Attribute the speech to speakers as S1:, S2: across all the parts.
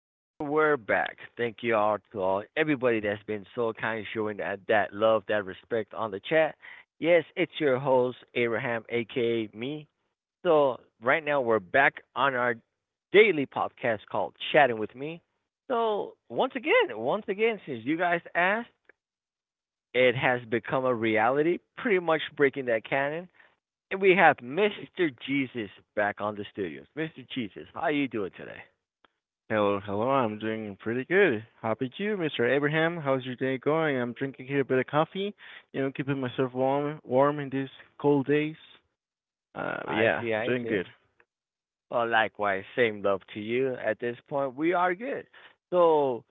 S1: And we're back. Thank you all to all everybody that's been so kind, showing that love, that respect on the chat. Yes, it's your host Abraham, aka me. So right now we're back on our daily podcast called Chatting with Me. So once again, since you guys asked, it has become a reality, pretty much breaking that canon. And we have Mr. Jesus back on the studios. Mr. Jesus, how are you doing today?
S2: Hello, hello. I'm doing pretty good. How about you, Mr. Abraham? How's your day going? I'm drinking here a bit of coffee, keeping myself warm, warm in these cold days. But
S1: I
S2: yeah,
S1: see,
S2: I'm
S1: I
S2: doing
S1: see.
S2: good.
S1: Likewise, same love to you. At this point, we are good. So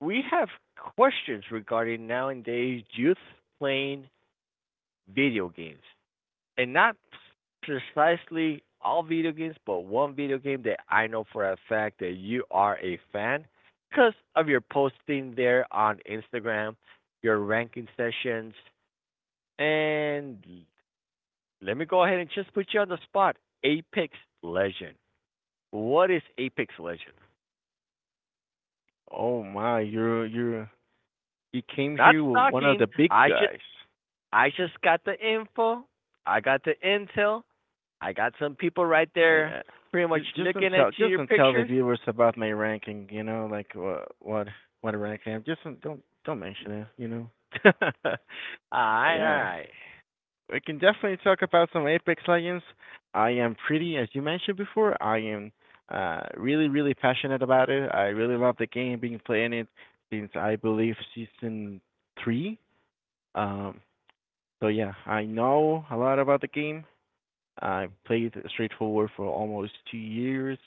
S1: we have questions regarding nowadays youth playing video games, and not precisely all video games, but one video game that I know for a fact that you are a fan because of your posting there on Instagram, your ranking sessions, and let me go ahead and just put you on the spot. Apex Legend. What is Apex Legend?
S2: Oh my, you're you came
S1: Not
S2: here with one of
S1: stalking.
S2: the big
S1: I should.
S2: guys.
S1: I just got the info. I got the intel. I got some people right there
S2: I,
S1: pretty much
S2: just don't
S1: looking at
S2: tell,
S1: you,
S2: just
S1: your
S2: don't tell the
S1: pictures.
S2: viewers about my ranking. You know, like what rank I am. Just don't don't mention it. You know. But
S1: Alright,
S2: yeah,
S1: alright.
S2: we can definitely talk about some Apex Legends. I am pretty, as you mentioned before, I am really, really passionate about it. I really love the game, been playing it since I believe season three. Um, so yeah, I know a lot about the game. I played Straightforward for almost 2 years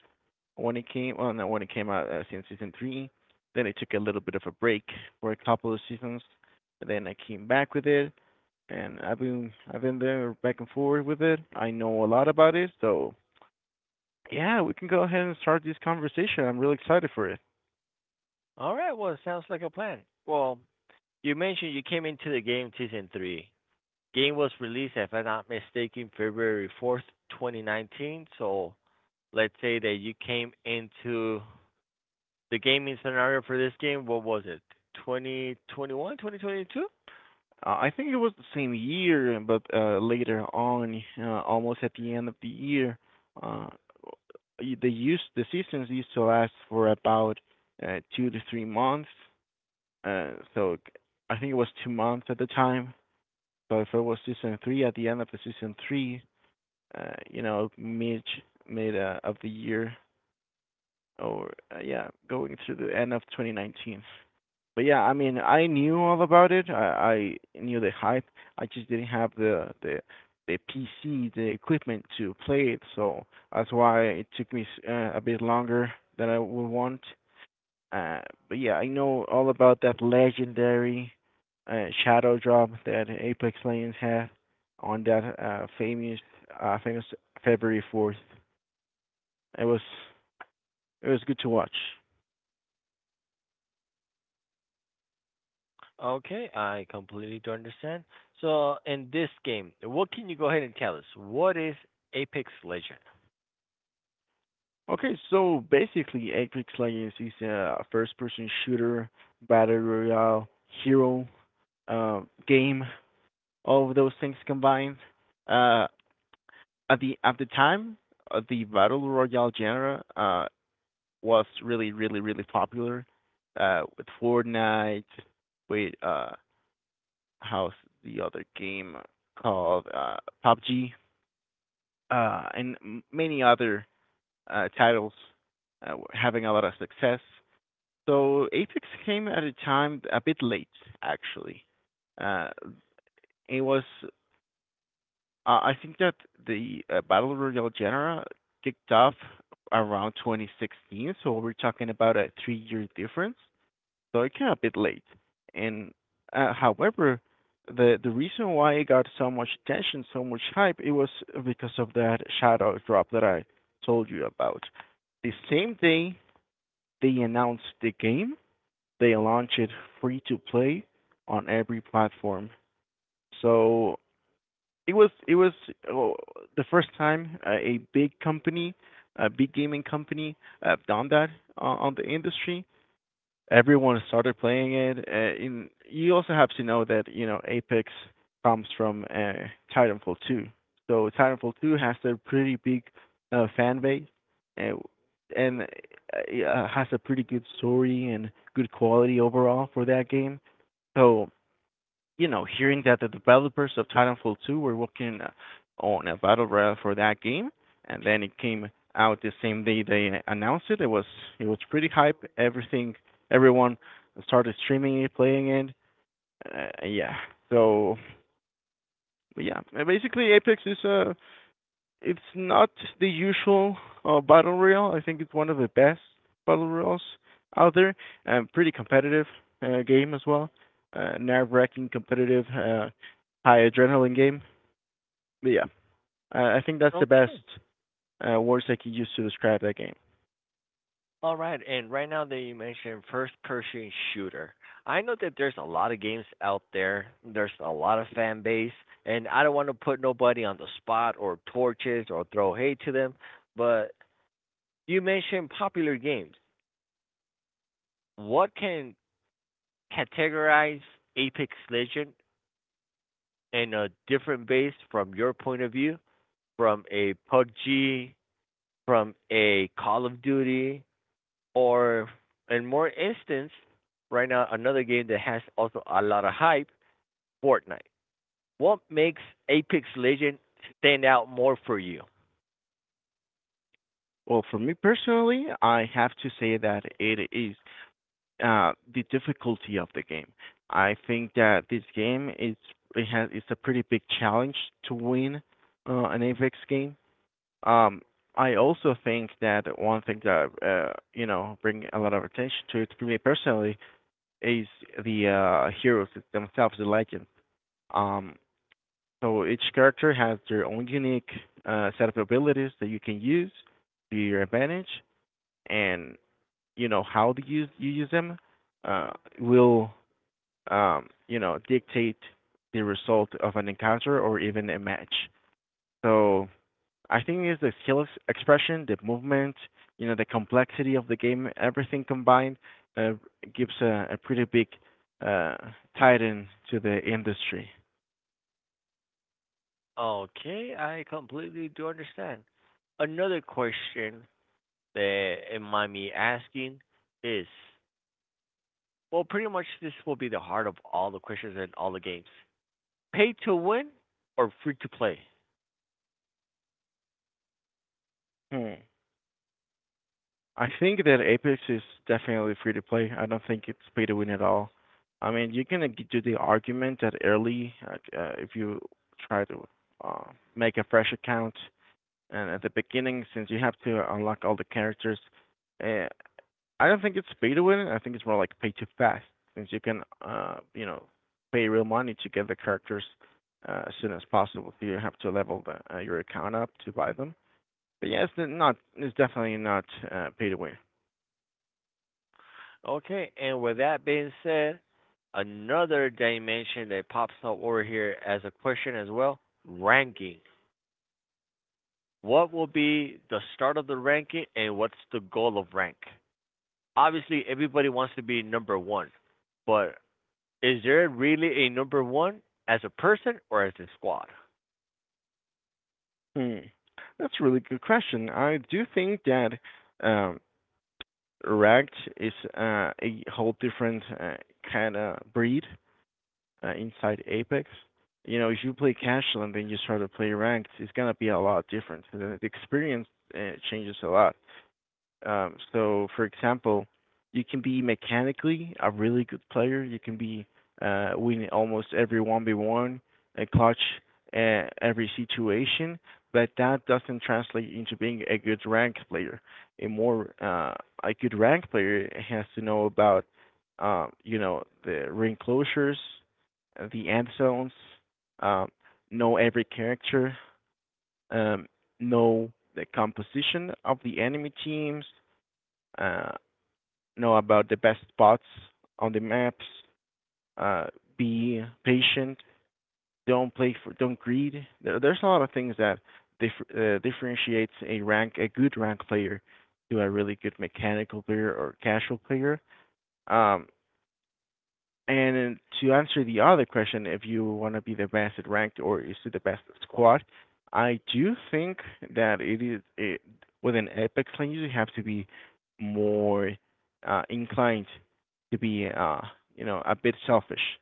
S2: when it came, well, not when it came out, since season three. Then I took a little bit of a break for a couple of seasons. Then I came back with it and I've been there back and forth with it. I know a lot about it, so yeah, we can go ahead and start this conversation. I'm really excited for it.
S1: Alright, well, it sounds like a plan. Well, you mentioned you came into the game season three. Game was released, if I'm not mistaken, February 4th, 2019. So let's say that you came into the gaming scenario for this game, what was it? 2021, 2022?
S2: I think it was the same year, but later on, almost at the end of the year. Uh, the use the seasons used to last for about 2 to 3 months. So I think it was 2 months at the time. So if it was season three, at the end of the season three, you know, mid of the year, or yeah, going to the end of 2019. But yeah, I mean, I knew all about it. I knew the hype. I just didn't have the PC, the equipment to play it. So that's why it took me a bit longer than I would want. Uh, but yeah, I know all about that legendary shadow drop that Apex Legends had on that famous February 4th. It was it was good to watch.
S1: Okay, I completely do understand. So in this game, what can you go ahead and tell us? What is Apex Legend?
S2: Okay, so basically, Apex Legends is a first-person shooter, battle royale, hero, uh, game. All of those things combined. Uh, at the time, the battle royale genre was really, really, really popular with Fortnite, with, how's the other game called, PUBG, and many other titles were having a lot of success. So Apex came at a time a bit late, actually. Uh, it was, uh, I think that the, Battle Royale genre kicked off around 2016, so we're talking about a three-year difference. So it came a bit late. And However, the reason why it got so much attention, so much hype, it was because of that shadow drop that I told you about. The same day they announced the game, they launched it free to play on every platform. So it was oh, the first time a big company, a big gaming company, have done that on the industry. Everyone started playing it. You also have to know that, you know, Apex comes from, Titanfall 2, so Titanfall 2 has a pretty big fan base, and and uh, yeah, has a pretty good story and good quality overall for that game. So you know, hearing that the developers of Titanfall 2 were working on a battle royale for that game, and then it came out the same day they announced it. It was pretty hype. Everything, everyone started streaming it, playing it. Yeah. So yeah, basically Apex is, it's not the usual battle royale. I think it's one of the best battle royals out there, and pretty competitive game as well. Nerve-wracking, competitive, high adrenaline game. But yeah, I think that's the best
S1: Okay.
S2: words I could use to describe that game.
S1: All right, and right now that you mentioned first person shooter, I know that there's a lot of games out there. There's a lot of fan base, and I don't want to put nobody on the spot or torches or throw hate to them, but you mentioned popular games. What can categorize Apex Legend in a different base, from your point of view, from a PUBG, from a Call of Duty, or in more instance, right now another game that has also a lot of hype, Fortnite. What makes Apex Legends stand out more for you?
S2: Well, for me personally, I have to say that it is the difficulty of the game. I think that this game is it has it's a pretty big challenge to win an Apex game. Um, I also think that one thing that, you know, bring a lot of attention to it for me personally is the, heroes themselves, the legends. Um, so each character has their own unique set of abilities that you can use to your advantage, and you know how to use them uh, will, you know, dictate the result of an encounter or even a match. So I think it's the expression, the movement, you know, the complexity of the game, everything combined uh, gives a pretty big uh, titan to the industry.
S1: Okay, I completely do understand. Another question that it might be asking is, well, pretty much this will be the heart of all the questions in all the games. Pay to win or free to play?
S2: Hmm. I think that Apex is definitely free to play. I don't think it's pay to win at all. I mean, you can do the argument that early, if you try to uh, make a fresh account and at the beginning, since you have to unlock all the characters, uh, I don't think it's pay to win. I think it's more like pay to fast, since you can, you know, pay real money to get the characters as soon as possible. You have to level your account up to buy them. But yeah, it's not. It's definitely not pay to win.
S1: Okay, and with that being said, another dimension that pops up over here as a question as well, ranking. What will be the start of the ranking and what's the goal of rank? Obviously, everybody wants to be number one, but is there really a number one as a person or as a squad?
S2: Hmm. That's a really good question. I do think that, um, Ragged is a whole different kind of breed inside Apex. You know, if you play casual and then you start to play ranked, it's gonna be a lot different. The experience changes a lot. So, for example, you can be mechanically a really good player. You can be win almost every one v one, a clutch every situation, but that doesn't translate into being a good ranked player. A more uh, a good ranked player has to know about, you know, the ring closures, the end zones, um, know every character, um, know the composition of the enemy teams, uh, know about the best spots on the maps. Uh, be patient. Don't play for. Don't greed. There's a lot of things that differentiates a rank, a good rank player, to a really good mechanical player or casual player. Um, And then to answer the other question, if you want to be the best at ranked or is it the best at squad, I do think that with an Apex lane, you have to be more inclined to be, you know, a bit selfish.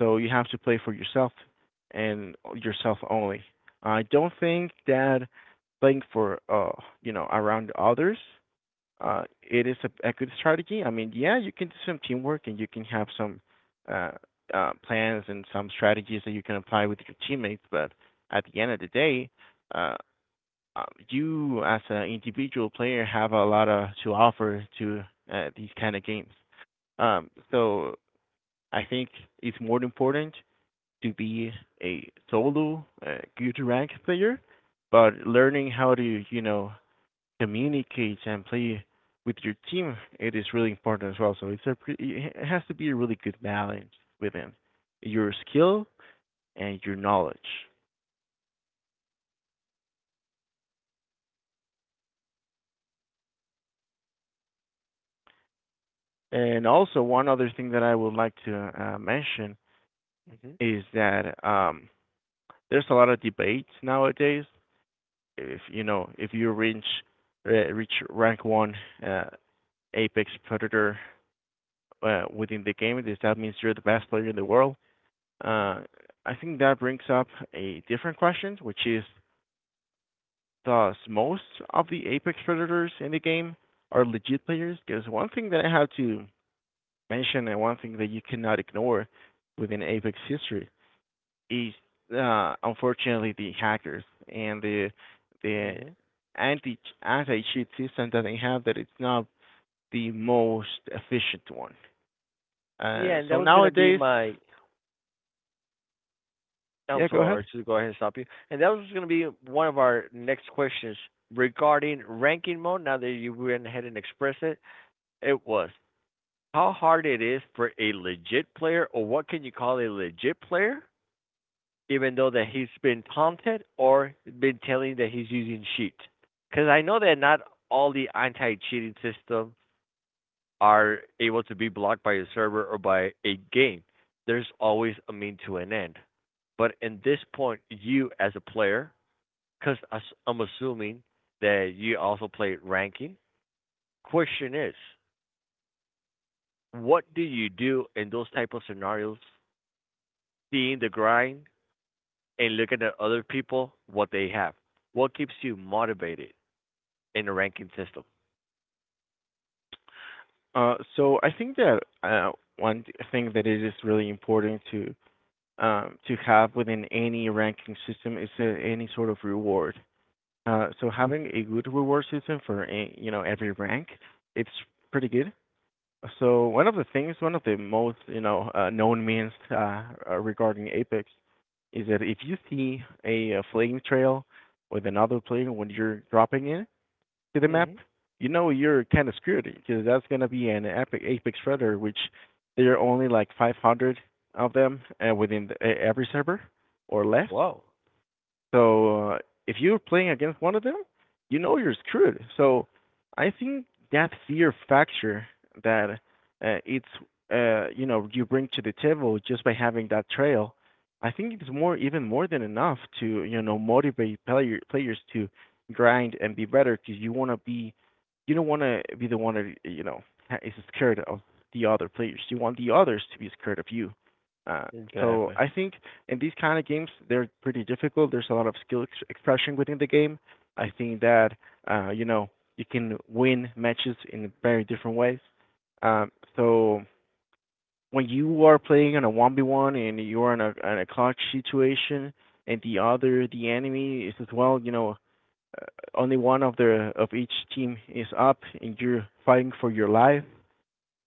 S2: So you have to play for yourself and yourself only. I don't think that playing for, you know, around others it is a good strategy. I mean, yeah, you can do some teamwork and you can have some uh, plans and some strategies that you can apply with your teammates. But at the end of the day, uh, uh, you as an individual player have a lot to offer to these kind of games. So I think it's more important to be a solo good rank player, but learning how to, you know, communicate and play with your team, it is really important as well. So it's it has to be a really good balance within your skill and your knowledge. And also one other thing that I would like to mention
S1: Hmm.
S2: is that, there's a lot of debates nowadays. If you know, if you reach rank one, uh, apex predator, within the game, does that means you're the best player in the world?
S1: Hmm.
S2: Uh, I think that brings up a different question, which is thus most of the apex predators in the game are legit players. Because one thing that I have to mention, and one thing that you cannot ignore within apex history is, unfortunately the hackers and the the
S1: Hmm.
S2: anti anti cheat system that they have, that it's not the most efficient one.
S1: Yeah, and
S2: So
S1: that was gonna be
S2: nowadays,
S1: my— I'm
S2: yeah, go ahead.
S1: sorry to go ahead and stop you. And that was going to be one of our next questions regarding ranking mode. Now that you went ahead and expressed it, it was how hard it is for a legit player, or what can you call a legit player, even though that he's been taunted or been telling that he's using cheat. Because I know that not all the anti-cheating systems are able to be blocked by a server or by a game. There's always a mean to an end. But in this point, you as a player— Because I'm assuming that you also played ranking. Question is, what do you do in those type of scenarios, seeing the grind and looking at other people, what they have? What keeps you motivated in the ranking system?
S2: So I think that, thing that it is really important to, to have within any ranking system is any sort of reward. So having a good reward system for you know, every rank, it's pretty good. So one of the things, one of the most, you know, known means, regarding Apex, is that if you see a flame trail with another player when you're dropping in to the map,
S1: Hmm.
S2: you know you're kind of screwed because that's gonna be an epic apex predator, which there are only like 500 of them within every server or less.
S1: Wow.
S2: So if you're playing against one of them, you know you're screwed. So I think that fear factor that it's you know you bring to the table just by having that trail. I think it's more even more than enough to you know motivate players to grind and be better because you want to be you don't want to be the one that you know is scared of the other players. You want the others to be scared of you. Uh, so
S1: Exactly.
S2: I think in these kind of games, they're pretty difficult. There's a lot of expression within the game. I think that you know you can win matches in very different ways. So when you are playing on a one v one and you are in in a clutch situation, and the enemy is as well, you know, uh, only one of the of each team is up, and you're fighting for your life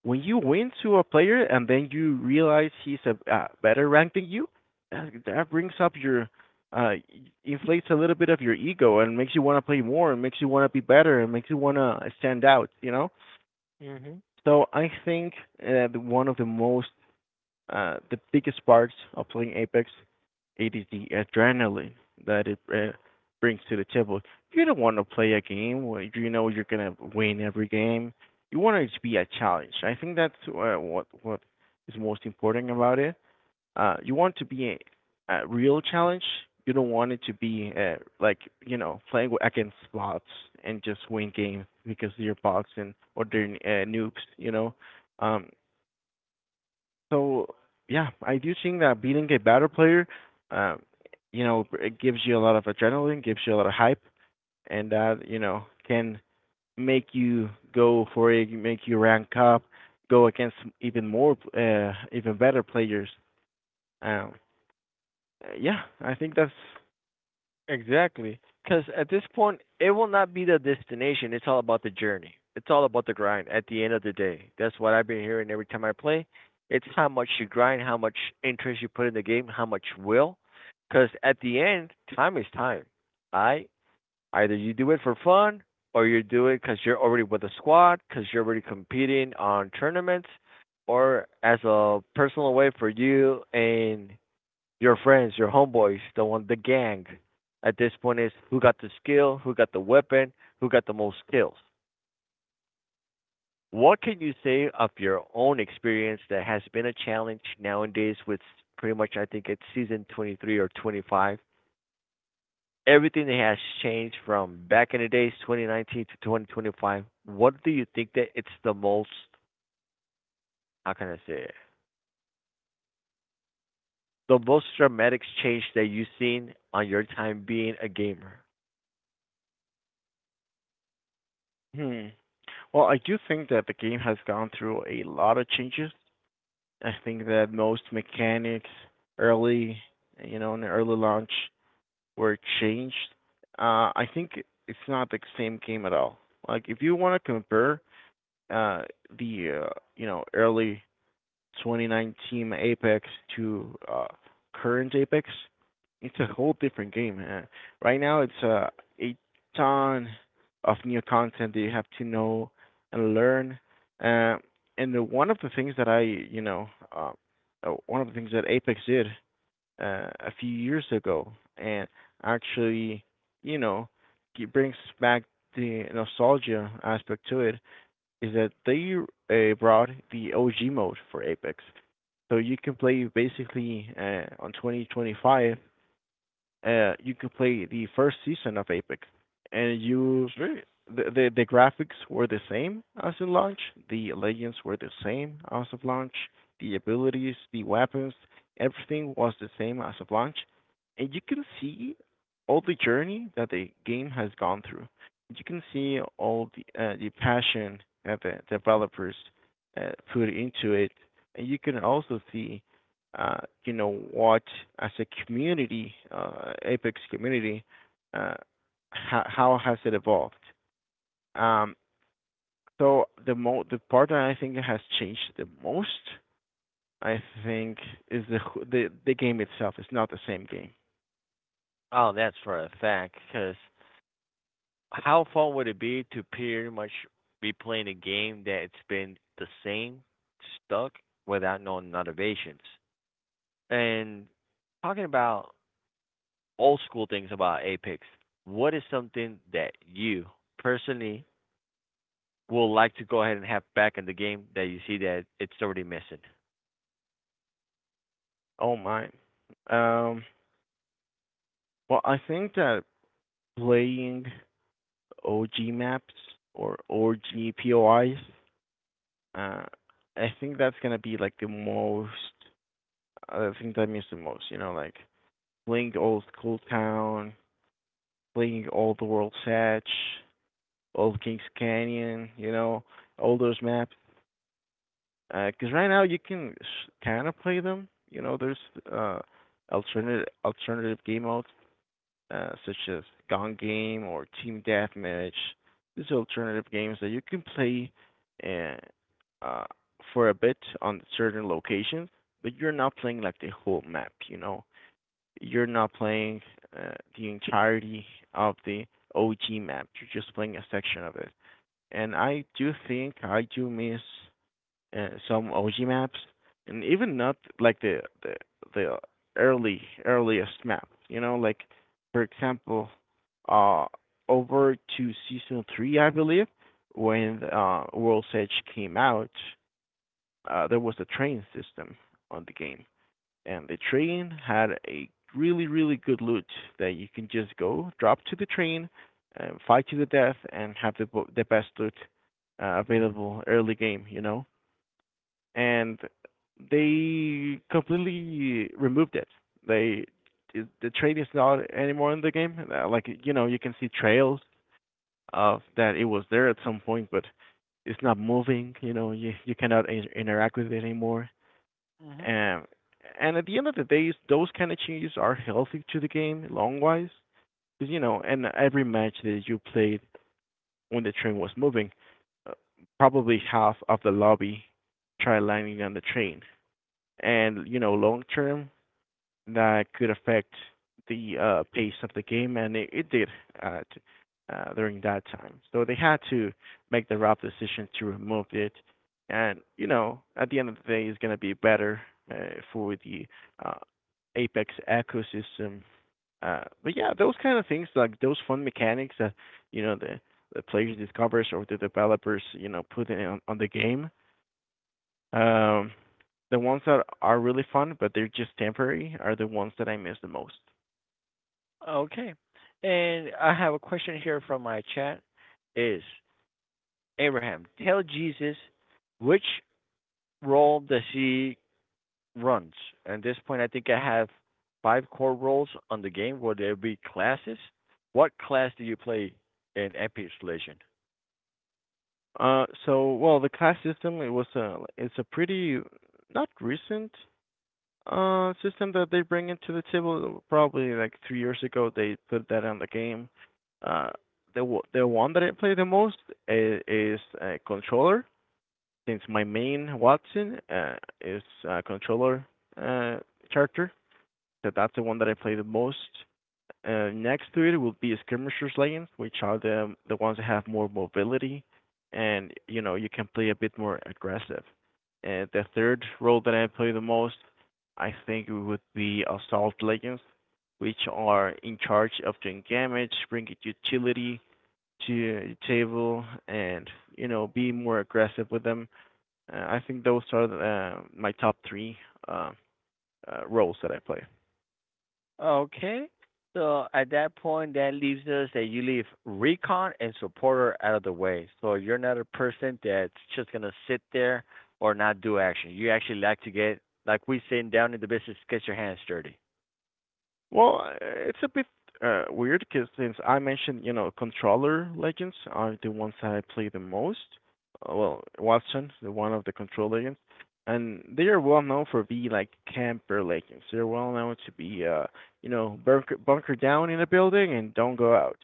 S2: when you win to a player and then you realize he's a better ranked than you, that brings up your uh inflates a little bit of your ego and makes you want to play more and makes you want to be better and makes you want to stand out, you know?
S1: Hmm.
S2: So I think one of the most the biggest part of playing Apex, it is the adrenaline that it brings to the table. You don't want to play a game where you know you're gonna win every game. You want it to be a challenge. I think that's what is most important about it. You want to be a real challenge. You don't want it to be like you know playing against bots and just win games because they're bots and or they're noobs. You know, um, so yeah, I do think that beating a better player, um, you know, it gives you a lot of adrenaline, gives you a lot of hype, and that you know can make you go for it, make you rank up, go against even more, even better players. Um, yeah, I think that's.
S1: Exactly. Because at this point, it will not be the destination. It's all about the journey. It's all about the grind at the end of the day. That's what I've been hearing every time I play. It's how much you grind, how much interest you put in the game, how much will. Because at the end, time is time. I Either you do it for fun, or you do it because you're already with a squad, because you're already competing on tournaments, or as a personal way for you and your friends, your homeboys, the one, the gang. At this point, is who got the skill, who got the weapon, who got the most kills. What can you say of your own experience that has been a challenge nowadays with, pretty much, I think it's season 23 or 25? Everything that has changed from back in the days 2019 to 2025. What do you think that it's the most? How can I say it? The most dramatic change that you've seen on your time being a gamer?
S2: Hmm. Well, I do think that the game has gone through a lot of changes. I think that most mechanics early, you know, in the early launch, were changed. I think it's not the same game at all. Like if you want to compare uh, the you know early 2019 Apex to current Apex, it's a whole different game. Right now, it's a ton of new content that you have to know and learn. Uh, One of the things that I, you know, uh, one of the things that Apex did a few years ago and actually, you know, it brings back the nostalgia aspect to it is that they brought the OG mode for Apex. So you can play basically on 2025 you could play the first season of Apex, and you
S1: Sweet.
S2: the graphics were the same as in launch. The legends were the same as of launch. The abilities, the weapons, everything was the same as of launch, and you can see all the journey that the game has gone through. You can see all the passion that the developers put into it, and you can also see uh, you know, what as a community, Apex community, uh, how has it evolved? Um, the the part that I think has changed the most, I think, is the game itself. It's not the same game.
S1: Oh, that's for a fact, because how fun would it be to pretty much be playing a game that it's been the same, stuck without no innovations? And talking about old school things about Apex, what is something that you personally will like to go ahead and have back in the game that you see that it's already missing?
S2: Oh my. Um, well, I think that playing OG maps or OG POIs, uh, I think that's gonna be like the most. I think that means the most. You know, like Bling Old Cool Town, Bling Old World Satch, Old Kings Canyon, you know, all those maps. Because right now you can kind of play them. You know, there's uh, alternative game modes such as Gone Game or Team Deathmatch. These are alternative games that you can play and uh, for a bit on certain locations, but you're not playing like the whole map. You know, you're not playing uh, the entirety of the OG map. You're just playing a section of it. And I do miss some OG maps, and even not like the early earliest map. You know, like for example, uh, over to season three, I believe, when World's Edge came out. There was a train system on the game, and the train had a really really good loot that you can just go drop to the train, fight to the death, and have the best loot available early game. You know, and they completely removed it. They the train is not anymore in the game. Like you know, you can see trails of that it was there at some point, but it's not moving. You know, you cannot interact with it anymore.
S1: Mhm.
S2: Um, and at the end of the day, those kind of changes are healthy to the game long wise. Because, you know, in every match that you played when the train was moving, uh, probably half of the lobby tried landing on the train. And, you know, long term, that could affect the pace of the game, and it did uh, t- during that time. So they had to make the rough decision to remove it, and you know, at the end of the day, it's going to be better uh, for the uh, Apex ecosystem. But yeah, those kind of things, like those fun mechanics that you know the players discovers or the developers you know put on the game. Um, the ones that are really fun, but they're just temporary, are the ones that I miss the most.
S1: Okay. And I have a question here from my chat is, Abraham, tell Jesus which role does he runs. At this point, I think I have five core roles on the game. Will there will be classes? What class do you play in MP installation?
S2: So well, the caste system it's a pretty not recent system that they bring into the table. Probably like 3 years ago they put that on the game. Uh, the one that I play the most is a controller since my main Watson is a controller uh character. So that's the one that I play the most. Next to it will be skirmishers lanes, which are the ones that have more mobility, and you know you can play a bit more aggressive. And the third role that I play the most, I think it would be assault lanes, which are in charge of doing damage, bringing utility to the table, and you know be more aggressive with them. I think those are my top three uh, roles that I play.
S1: Okay. So at that point, that leaves us that you leave recon and supporter out of the way. So you're not a person that's just gonna sit there or not do action. You actually like to get, like we say down in the business, get your hands dirty.
S2: Well, it's a bit weird because since I mentioned, you know, controller legends are the ones that I play the most. Well, Watson, the one of the control legends, and they are well known for being like camper legends. They're well known to be, you know, bunker down in a building and don't go out.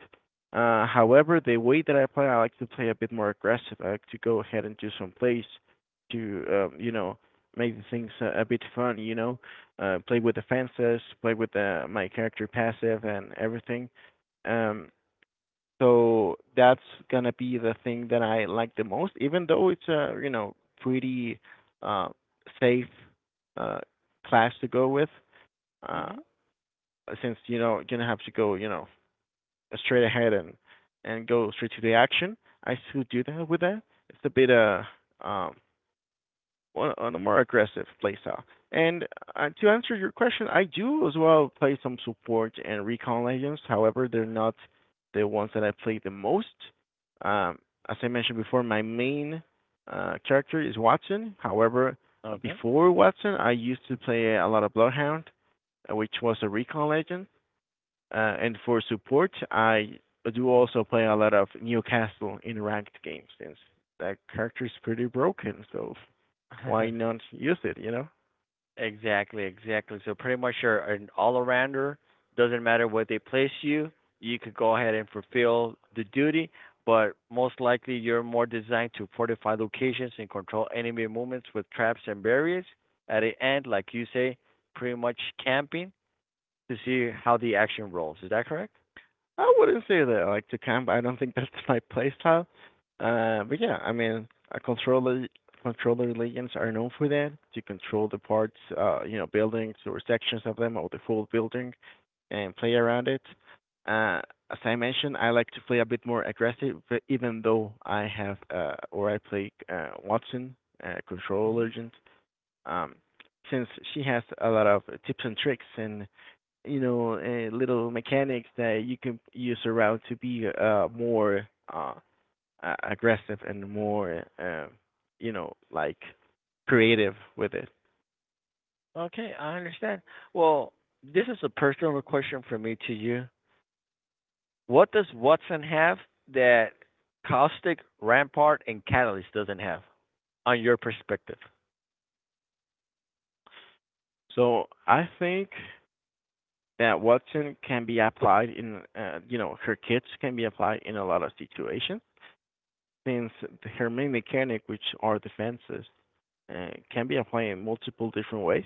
S2: However, the way that I play, I like to play a bit more aggressive. I like to go ahead and do some plays to, you know, make the things a bit fun. You know, play with the fences, play with my character passive and everything. Um, that's gonna be the thing that I like the most, even though it's a you know pretty uh, safe uh, class to go with, uh,
S1: Mm-hmm.
S2: since you know you're gonna have to go you know straight ahead and go straight to the action. I still do that with that. It's a bit um on a more aggressive playstyle. And to answer your question, I do as well play some support and recon legends. However, they're not the ones that I play the most. Um, as I mentioned before, my main character is Watson. However,
S1: Okay.
S2: before Watson, I used to play a lot of Bloodhound, which was a recon legend. And for support, I do also play a lot of Newcastle in ranked games since that character is pretty broken. So why not use it, you know?
S1: Exactly, exactly. So pretty much you're an all-arounder. Doesn't matter where they place you, you could go ahead and fulfill the duty, but most likely you're more designed to fortify locations and control enemy movements with traps and barriers. At the end, like you say, pretty much camping to see how the action rolls. Is that correct?
S2: I wouldn't say that like to camp. I don't think that's my playstyle. But yeah, I mean, a controller controller legends are known for that to control the parts, you know, buildings or sections of them or the full building, and play around it. Uh, as I mentioned, I like to play a bit more aggressive, but even though I have or I play Watson, control
S1: Hmm.
S2: legend. Um, since she has a lot of tips and tricks and little mechanics that you can use around to be more uh aggressive and more you know like creative with it.
S1: Okay, I understand. Well, this is a personal question for me to you. What does Watson have that Caustic, Rampart, and Catalyst doesn't have, on your perspective?
S2: So I think that Watson can be applied in her kits can be applied in a lot of situations since her main mechanic, which are defenses, can be applied in multiple different ways.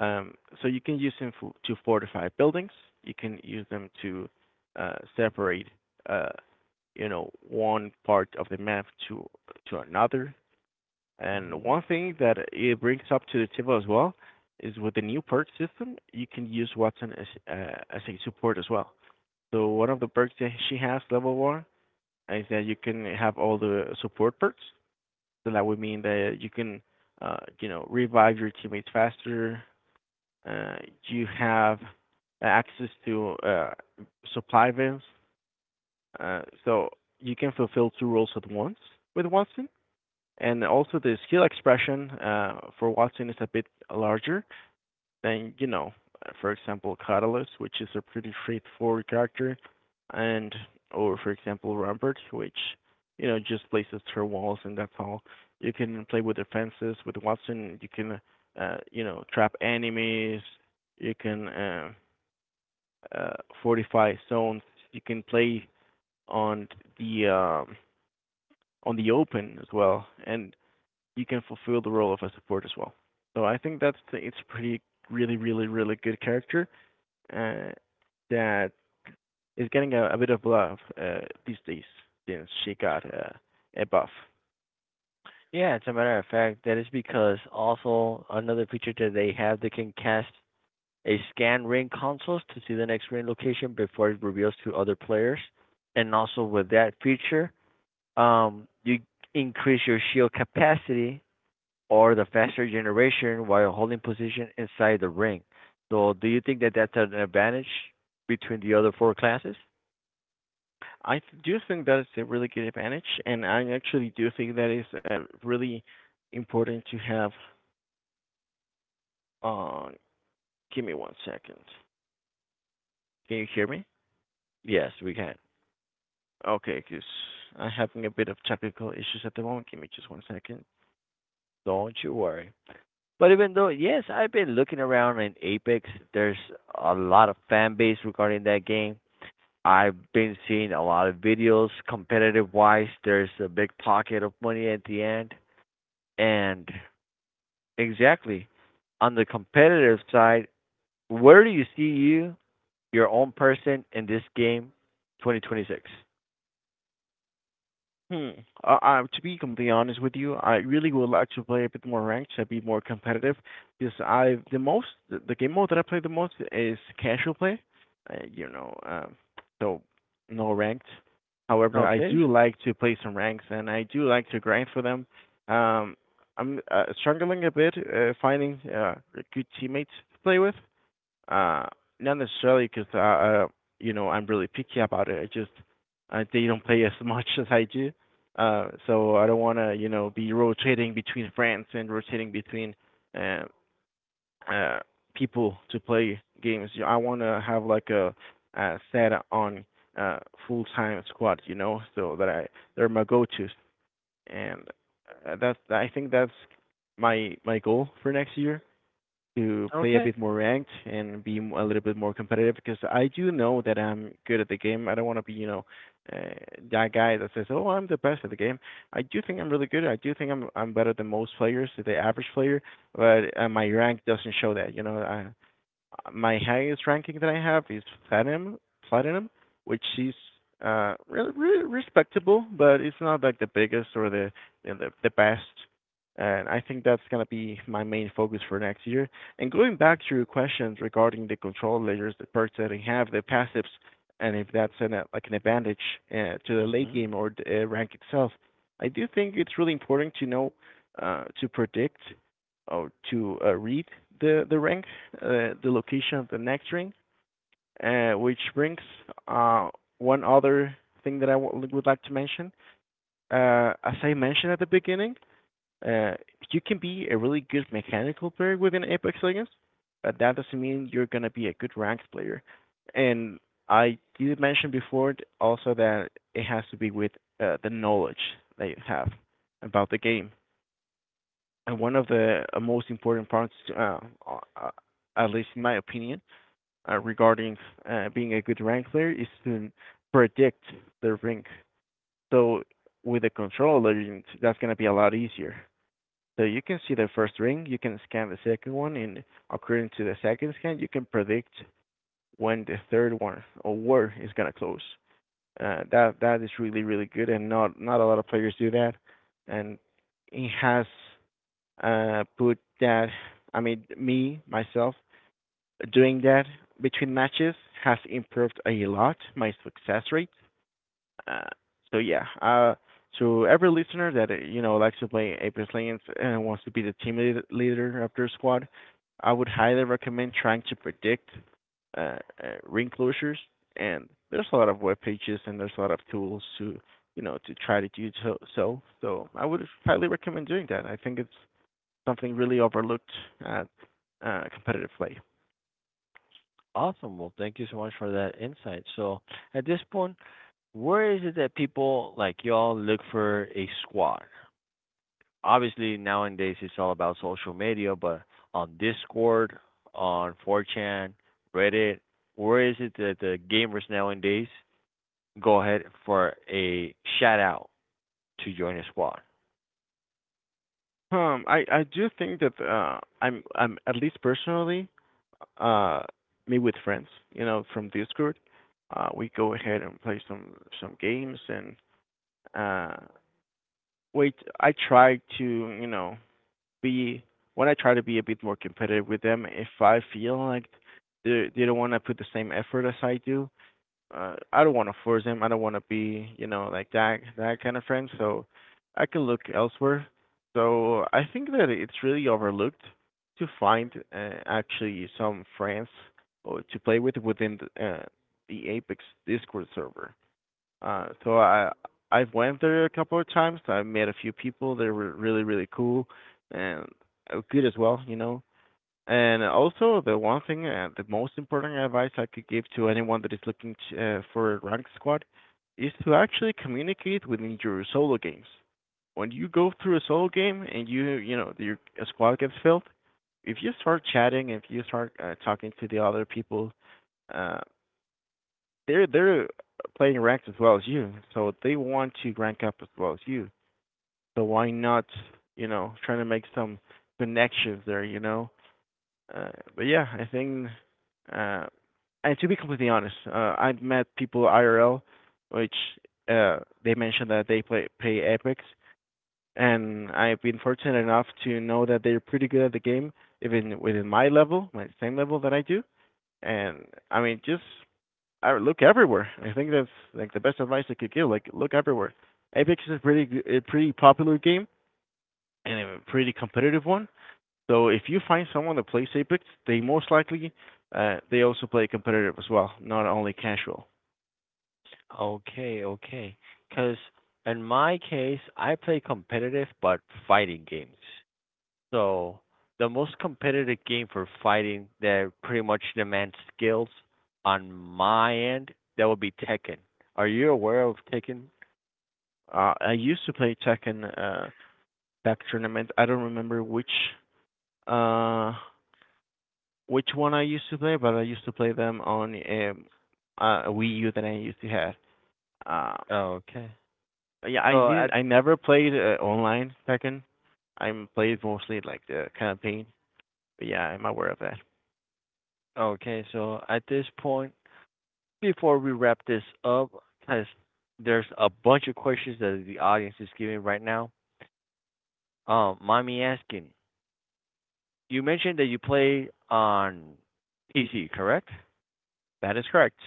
S2: Um, so you can use them for, to fortify buildings. You can use them to separate, uh, one part of the map to another. And
S1: Mm-hmm.
S2: one thing that it brings up to the table as well is with the new perk system, you can use Watson as a support as well. So one of the perks that she has, level one, is that you can have all the support perks. So that would mean that you can, revive your teammates faster, uh, you have access to supply vans. So you can fulfill two roles at once with Watson. And also the skill expression for Watson is a bit larger, then for example, Catalyst, which is a pretty straightforward character, and or for example, Rampart, which just places her walls and that's all. You can play with defenses with Watson. You can trap enemies. You can uh, fortify zones. You can play on the um, on the open as well, and you can fulfill the role of a support as well. So I think that's it's pretty really really really good character uh, that is getting a bit of love these days since she got a buff.
S1: Yeah, as a matter of fact, that is because also another feature that they have, they can cast a scan ring consoles to see the next ring location before it reveals to other players. And also with that feature, you increase your shield capacity or the faster generation while holding position inside the ring. So, do you think that that's an advantage between the other four classes?
S2: I do think that is a really good advantage, and I actually do think that is really important to have. Uh, Give me 1 second. Can you hear me?
S1: Yes, we can.
S2: Okay, because I'm having a bit of technical issues at the moment. Give me just 1 second.
S1: Don't you worry. But even though, yes, I've been looking around in Apex, there's a lot of fan base regarding that game. I've been seeing a lot of videos competitive wise. There's a big pocket of money at the end. And exactly on the competitive side, where do you see your own person in this game 2026.
S2: Hmm. I, to be completely honest with you, I really would like to play a bit more ranked to be more competitive. Because I the most the game mode that I play the most is casual play, uh, you know, um, so no ranked. However, I
S1: Okay.
S2: do like to play some ranks and I do like to grind for them. Um, I'm struggling a bit finding good teammates to play with. Uh, Not necessarily because I'm really picky about it. I just they don't play as much as I do, so I don't want to be rotating between friends and rotating between uh, uh, people to play games. I want to have like a set on uh, full time squad, you know, so that I they're my go tos, and that's I think that's my goal for next year to play a
S1: Okay.
S2: bit more ranked and be a little bit more competitive because I do know that I'm good at the game. I don't want to be, you know, uh, that guy that says, "Oh, I'm the best at the game." I do think I'm really good. I do think I'm better than most players, the average player, but my rank doesn't show that. You know, I My highest ranking that I have is platinum, platinum, which is really, really respectable, but it's not like the biggest or the best. And I think that's gonna be my main focus for next year. And going back to your questions regarding the control layers, the perks that I have, the passives, and if that's an like an advantage to the late
S1: Hmm.
S2: game or the rank itself, I do think it's really important to know to predict or to read the rank the location of the next ring, which brings uh, one other thing that I would like to mention. As I mentioned at the beginning, uh, you can be a really good mechanical player within Apex Legends, but that doesn't mean you're gonna be a good ranked player. And I did mention before also that it has to be with the knowledge that you have about the game. And one of the most important parts, uh, at least in my opinion, regarding being a good rank player is to predict the rank. So with a control legend, that's going to be a lot easier. So you can see the first ring, you can scan the second one, and according to the second scan, you can predict when the third one or where is going to close. That is really really good, and not a lot of players do that. And it has put that I mean me myself doing that between matches has improved a lot my success rate. Uh, so yeah, uh, to every listener that likes to play Apex Legends and wants to be the leader of their squad, I would highly recommend trying to predict uh, ring closures. And there's a lot of web pages and there's a lot of tools to to try to do so. So I would highly recommend doing that. I think it's something really overlooked at competitive play.
S1: Awesome. Well, thank you so much for that insight. So, at this point, where is it that people like y'all look for a squad? Obviously, nowadays it's all about social media, but on Discord, on 4chan, Reddit, where is it that the gamers nowadays go ahead for a shout out to join a squad?
S2: I do think that I'm at least personally, uh, me with friends, you know, from Discord, we go ahead and play some games and uh, wait. I try to be when I try to be a bit more competitive with them. If I feel like they don't want to put the same effort as I do, I don't want to force him. I don't want to be, you know, like that kind of friend. So I can look elsewhere. So I think that it's really overlooked to find actually some friends or to play with within the Apex Discord server. Uh, so I I've went there a couple of times. I met a few people. They were really really cool and good as well. You know, and also, the most important advice I could give to anyone that is looking to, for a ranked squad is to actually communicate within your solo games. When you go through a solo game and you know, your a squad gets filled, if you start chatting, if you start talking to the other people, uh, they're playing ranked as well as you, so they want to rank up as well as you. So why not, you know, trying to make some connections there, you know? Uh, but yeah, I think, uh, and to be completely honest, I've met people IRL, which uh, they mentioned that they play Apex, and I've been fortunate enough to know that they're pretty good at the game, even within my level, my same level that I do. And I mean, just I look everywhere. I think that's like the best advice I could give. Like look everywhere. Apex is a pretty popular game and a pretty competitive one. So if you find someone that plays Apex, they most likely they also play competitive as well, not only casual.
S1: Okay, okay. Because in my case, I play competitive but fighting games. So the most competitive game for fighting that pretty much demands skills on my end, that would be Tekken. Are you aware of Tekken?
S2: I used to play Tekken Tech Tournament. I don't remember uh, which one I used to play, but I used to play them on a Wii U that I used to have. Uh,
S1: Okay.
S2: yeah, I
S1: So at
S2: didn't. I never played online Tekken. I played mostly like the campaign. But yeah, I'm aware of that.
S1: Okay, so at this point, before we wrap this up, because there's a bunch of questions that the audience is giving right now. Mind me asking, you mentioned that you play on PC, correct?
S2: That is correct.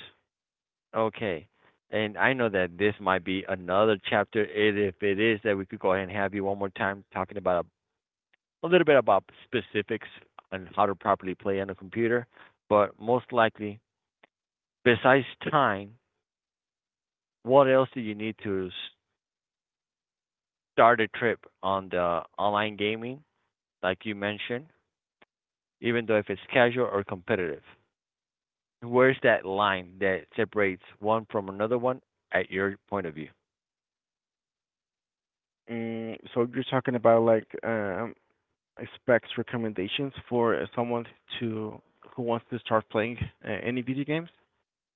S1: Okay. And I know that this might be another chapter, and if it is, that we could go ahead and have you one more time talking about a little bit about specifics on how to properly play on a computer. But most likely, besides time, what else do you need to start a trip on the online gaming, like you mentioned, even though if it's casual or competitive? Where's that line that separates one from another one at your point of view?
S2: Mm, so you're talking about like specs recommendations for someone to who wants to start playing any video games,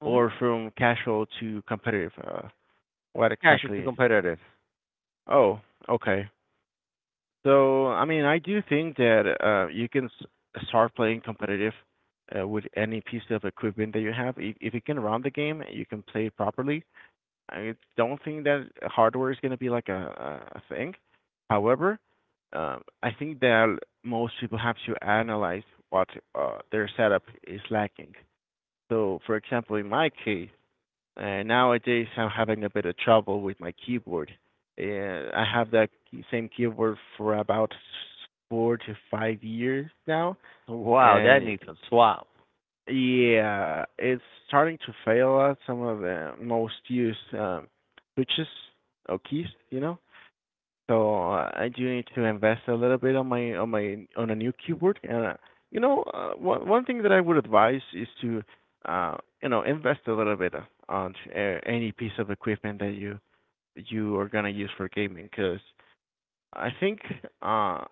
S1: Mm-hmm.
S2: or from casual to competitive? What
S1: Cash to
S2: exactly?
S1: competitive.
S2: Oh, okay. So I mean, I do think that you can start playing competitive with any piece of equipment that you have. If you can run the game, you can play it properly. I don't think that hardware is gonna be like a thing. However, I think that most people have to analyze what their setup is lacking. So, for example, in my case, nowadays I'm having a bit of trouble with my keyboard. I have that same keyboard for about 4 to 5 years now,
S1: Wow, that
S2: and
S1: needs some swap.
S2: yeah, it's starting to fail us some of the most used switches or keys, you know. So I do need to invest a little bit on my on my on a new keyboard. And one thing that I would advise is to uh, invest a little bit on any piece of equipment that you are gonna use for gaming. Because I think uh,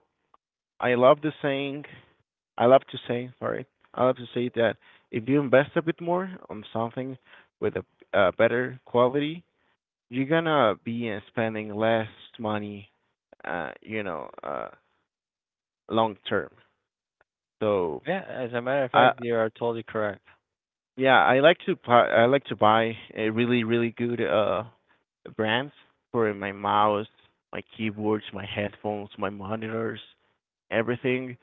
S2: I love the saying I love to say, sorry, I love to say that if you invest a bit more on something with a better quality, you're gonna be spending less money, uh, you know, uh, long term. So
S1: Yeah, as a matter of
S2: I
S1: fact, you are totally correct.
S2: Yeah, I like to buy a really really good brands for my mouse, my keyboards, my headphones, my monitors, everything.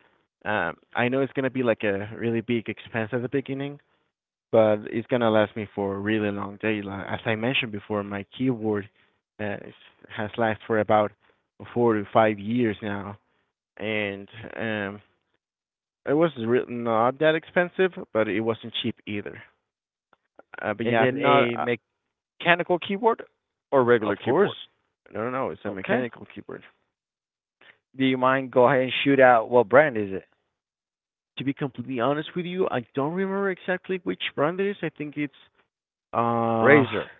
S2: I know it's gonna be like a really big expense at the beginning, but it's gonna last me for a really long day. Like, as I mentioned before, my keyboard uh, has lasted for about 4 to 5 years now, and um, it was not that expensive, but it wasn't cheap either. But
S1: Is
S2: yeah,
S1: it
S2: I'm not.
S1: a mechanical keyboard or regular
S2: Of course,
S1: keyboard?
S2: no, it's a
S1: Okay.
S2: mechanical keyboard.
S1: Do you mind go ahead and shoot out what brand is it?
S2: To be completely honest with you, I don't remember exactly which brand it is. I think it's uh
S1: Razer.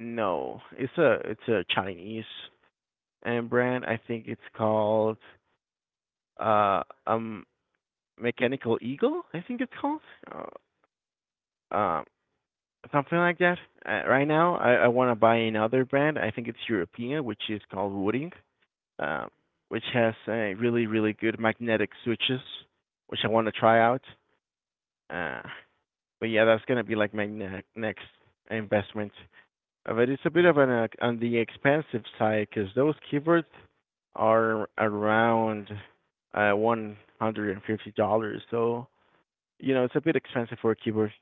S2: no, it's a Chinese brand. I think it's called uh um Mechanical Eagle, I think it's called. Uh, uh Something like that. Right now I want to buy another brand. I think it's European, which is called Wooding, uh, which has really really good magnetic switches, which I want to try out. Uh but yeah, that's going to be like my next investment. But it's a bit of an on the expensive side cuz those keyboards are around $150. So you know, it's a bit expensive for a keyboard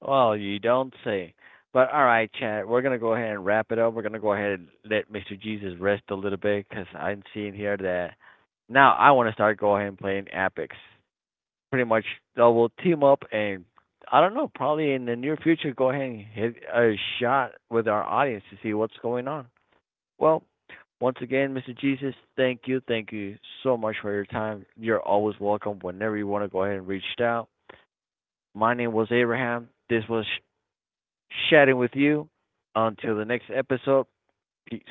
S1: Well, you don't say. But all right, Chad, we're gonna go ahead and wrap it up. We're gonna go ahead and let Mr. Jesus rest a little bit because I'm seeing here that now I want to start go ahead and playing Apex. Pretty much, so we'll team up and, I don't know, probably in the near future, go ahead and hit a shot with our audience to see what's going on. Well, once again, Mr. Jesus, thank you so much for your time. You're always welcome whenever you want to go ahead and reach out. My name was Abraham. This was chatting with you. Until the next episode, peace.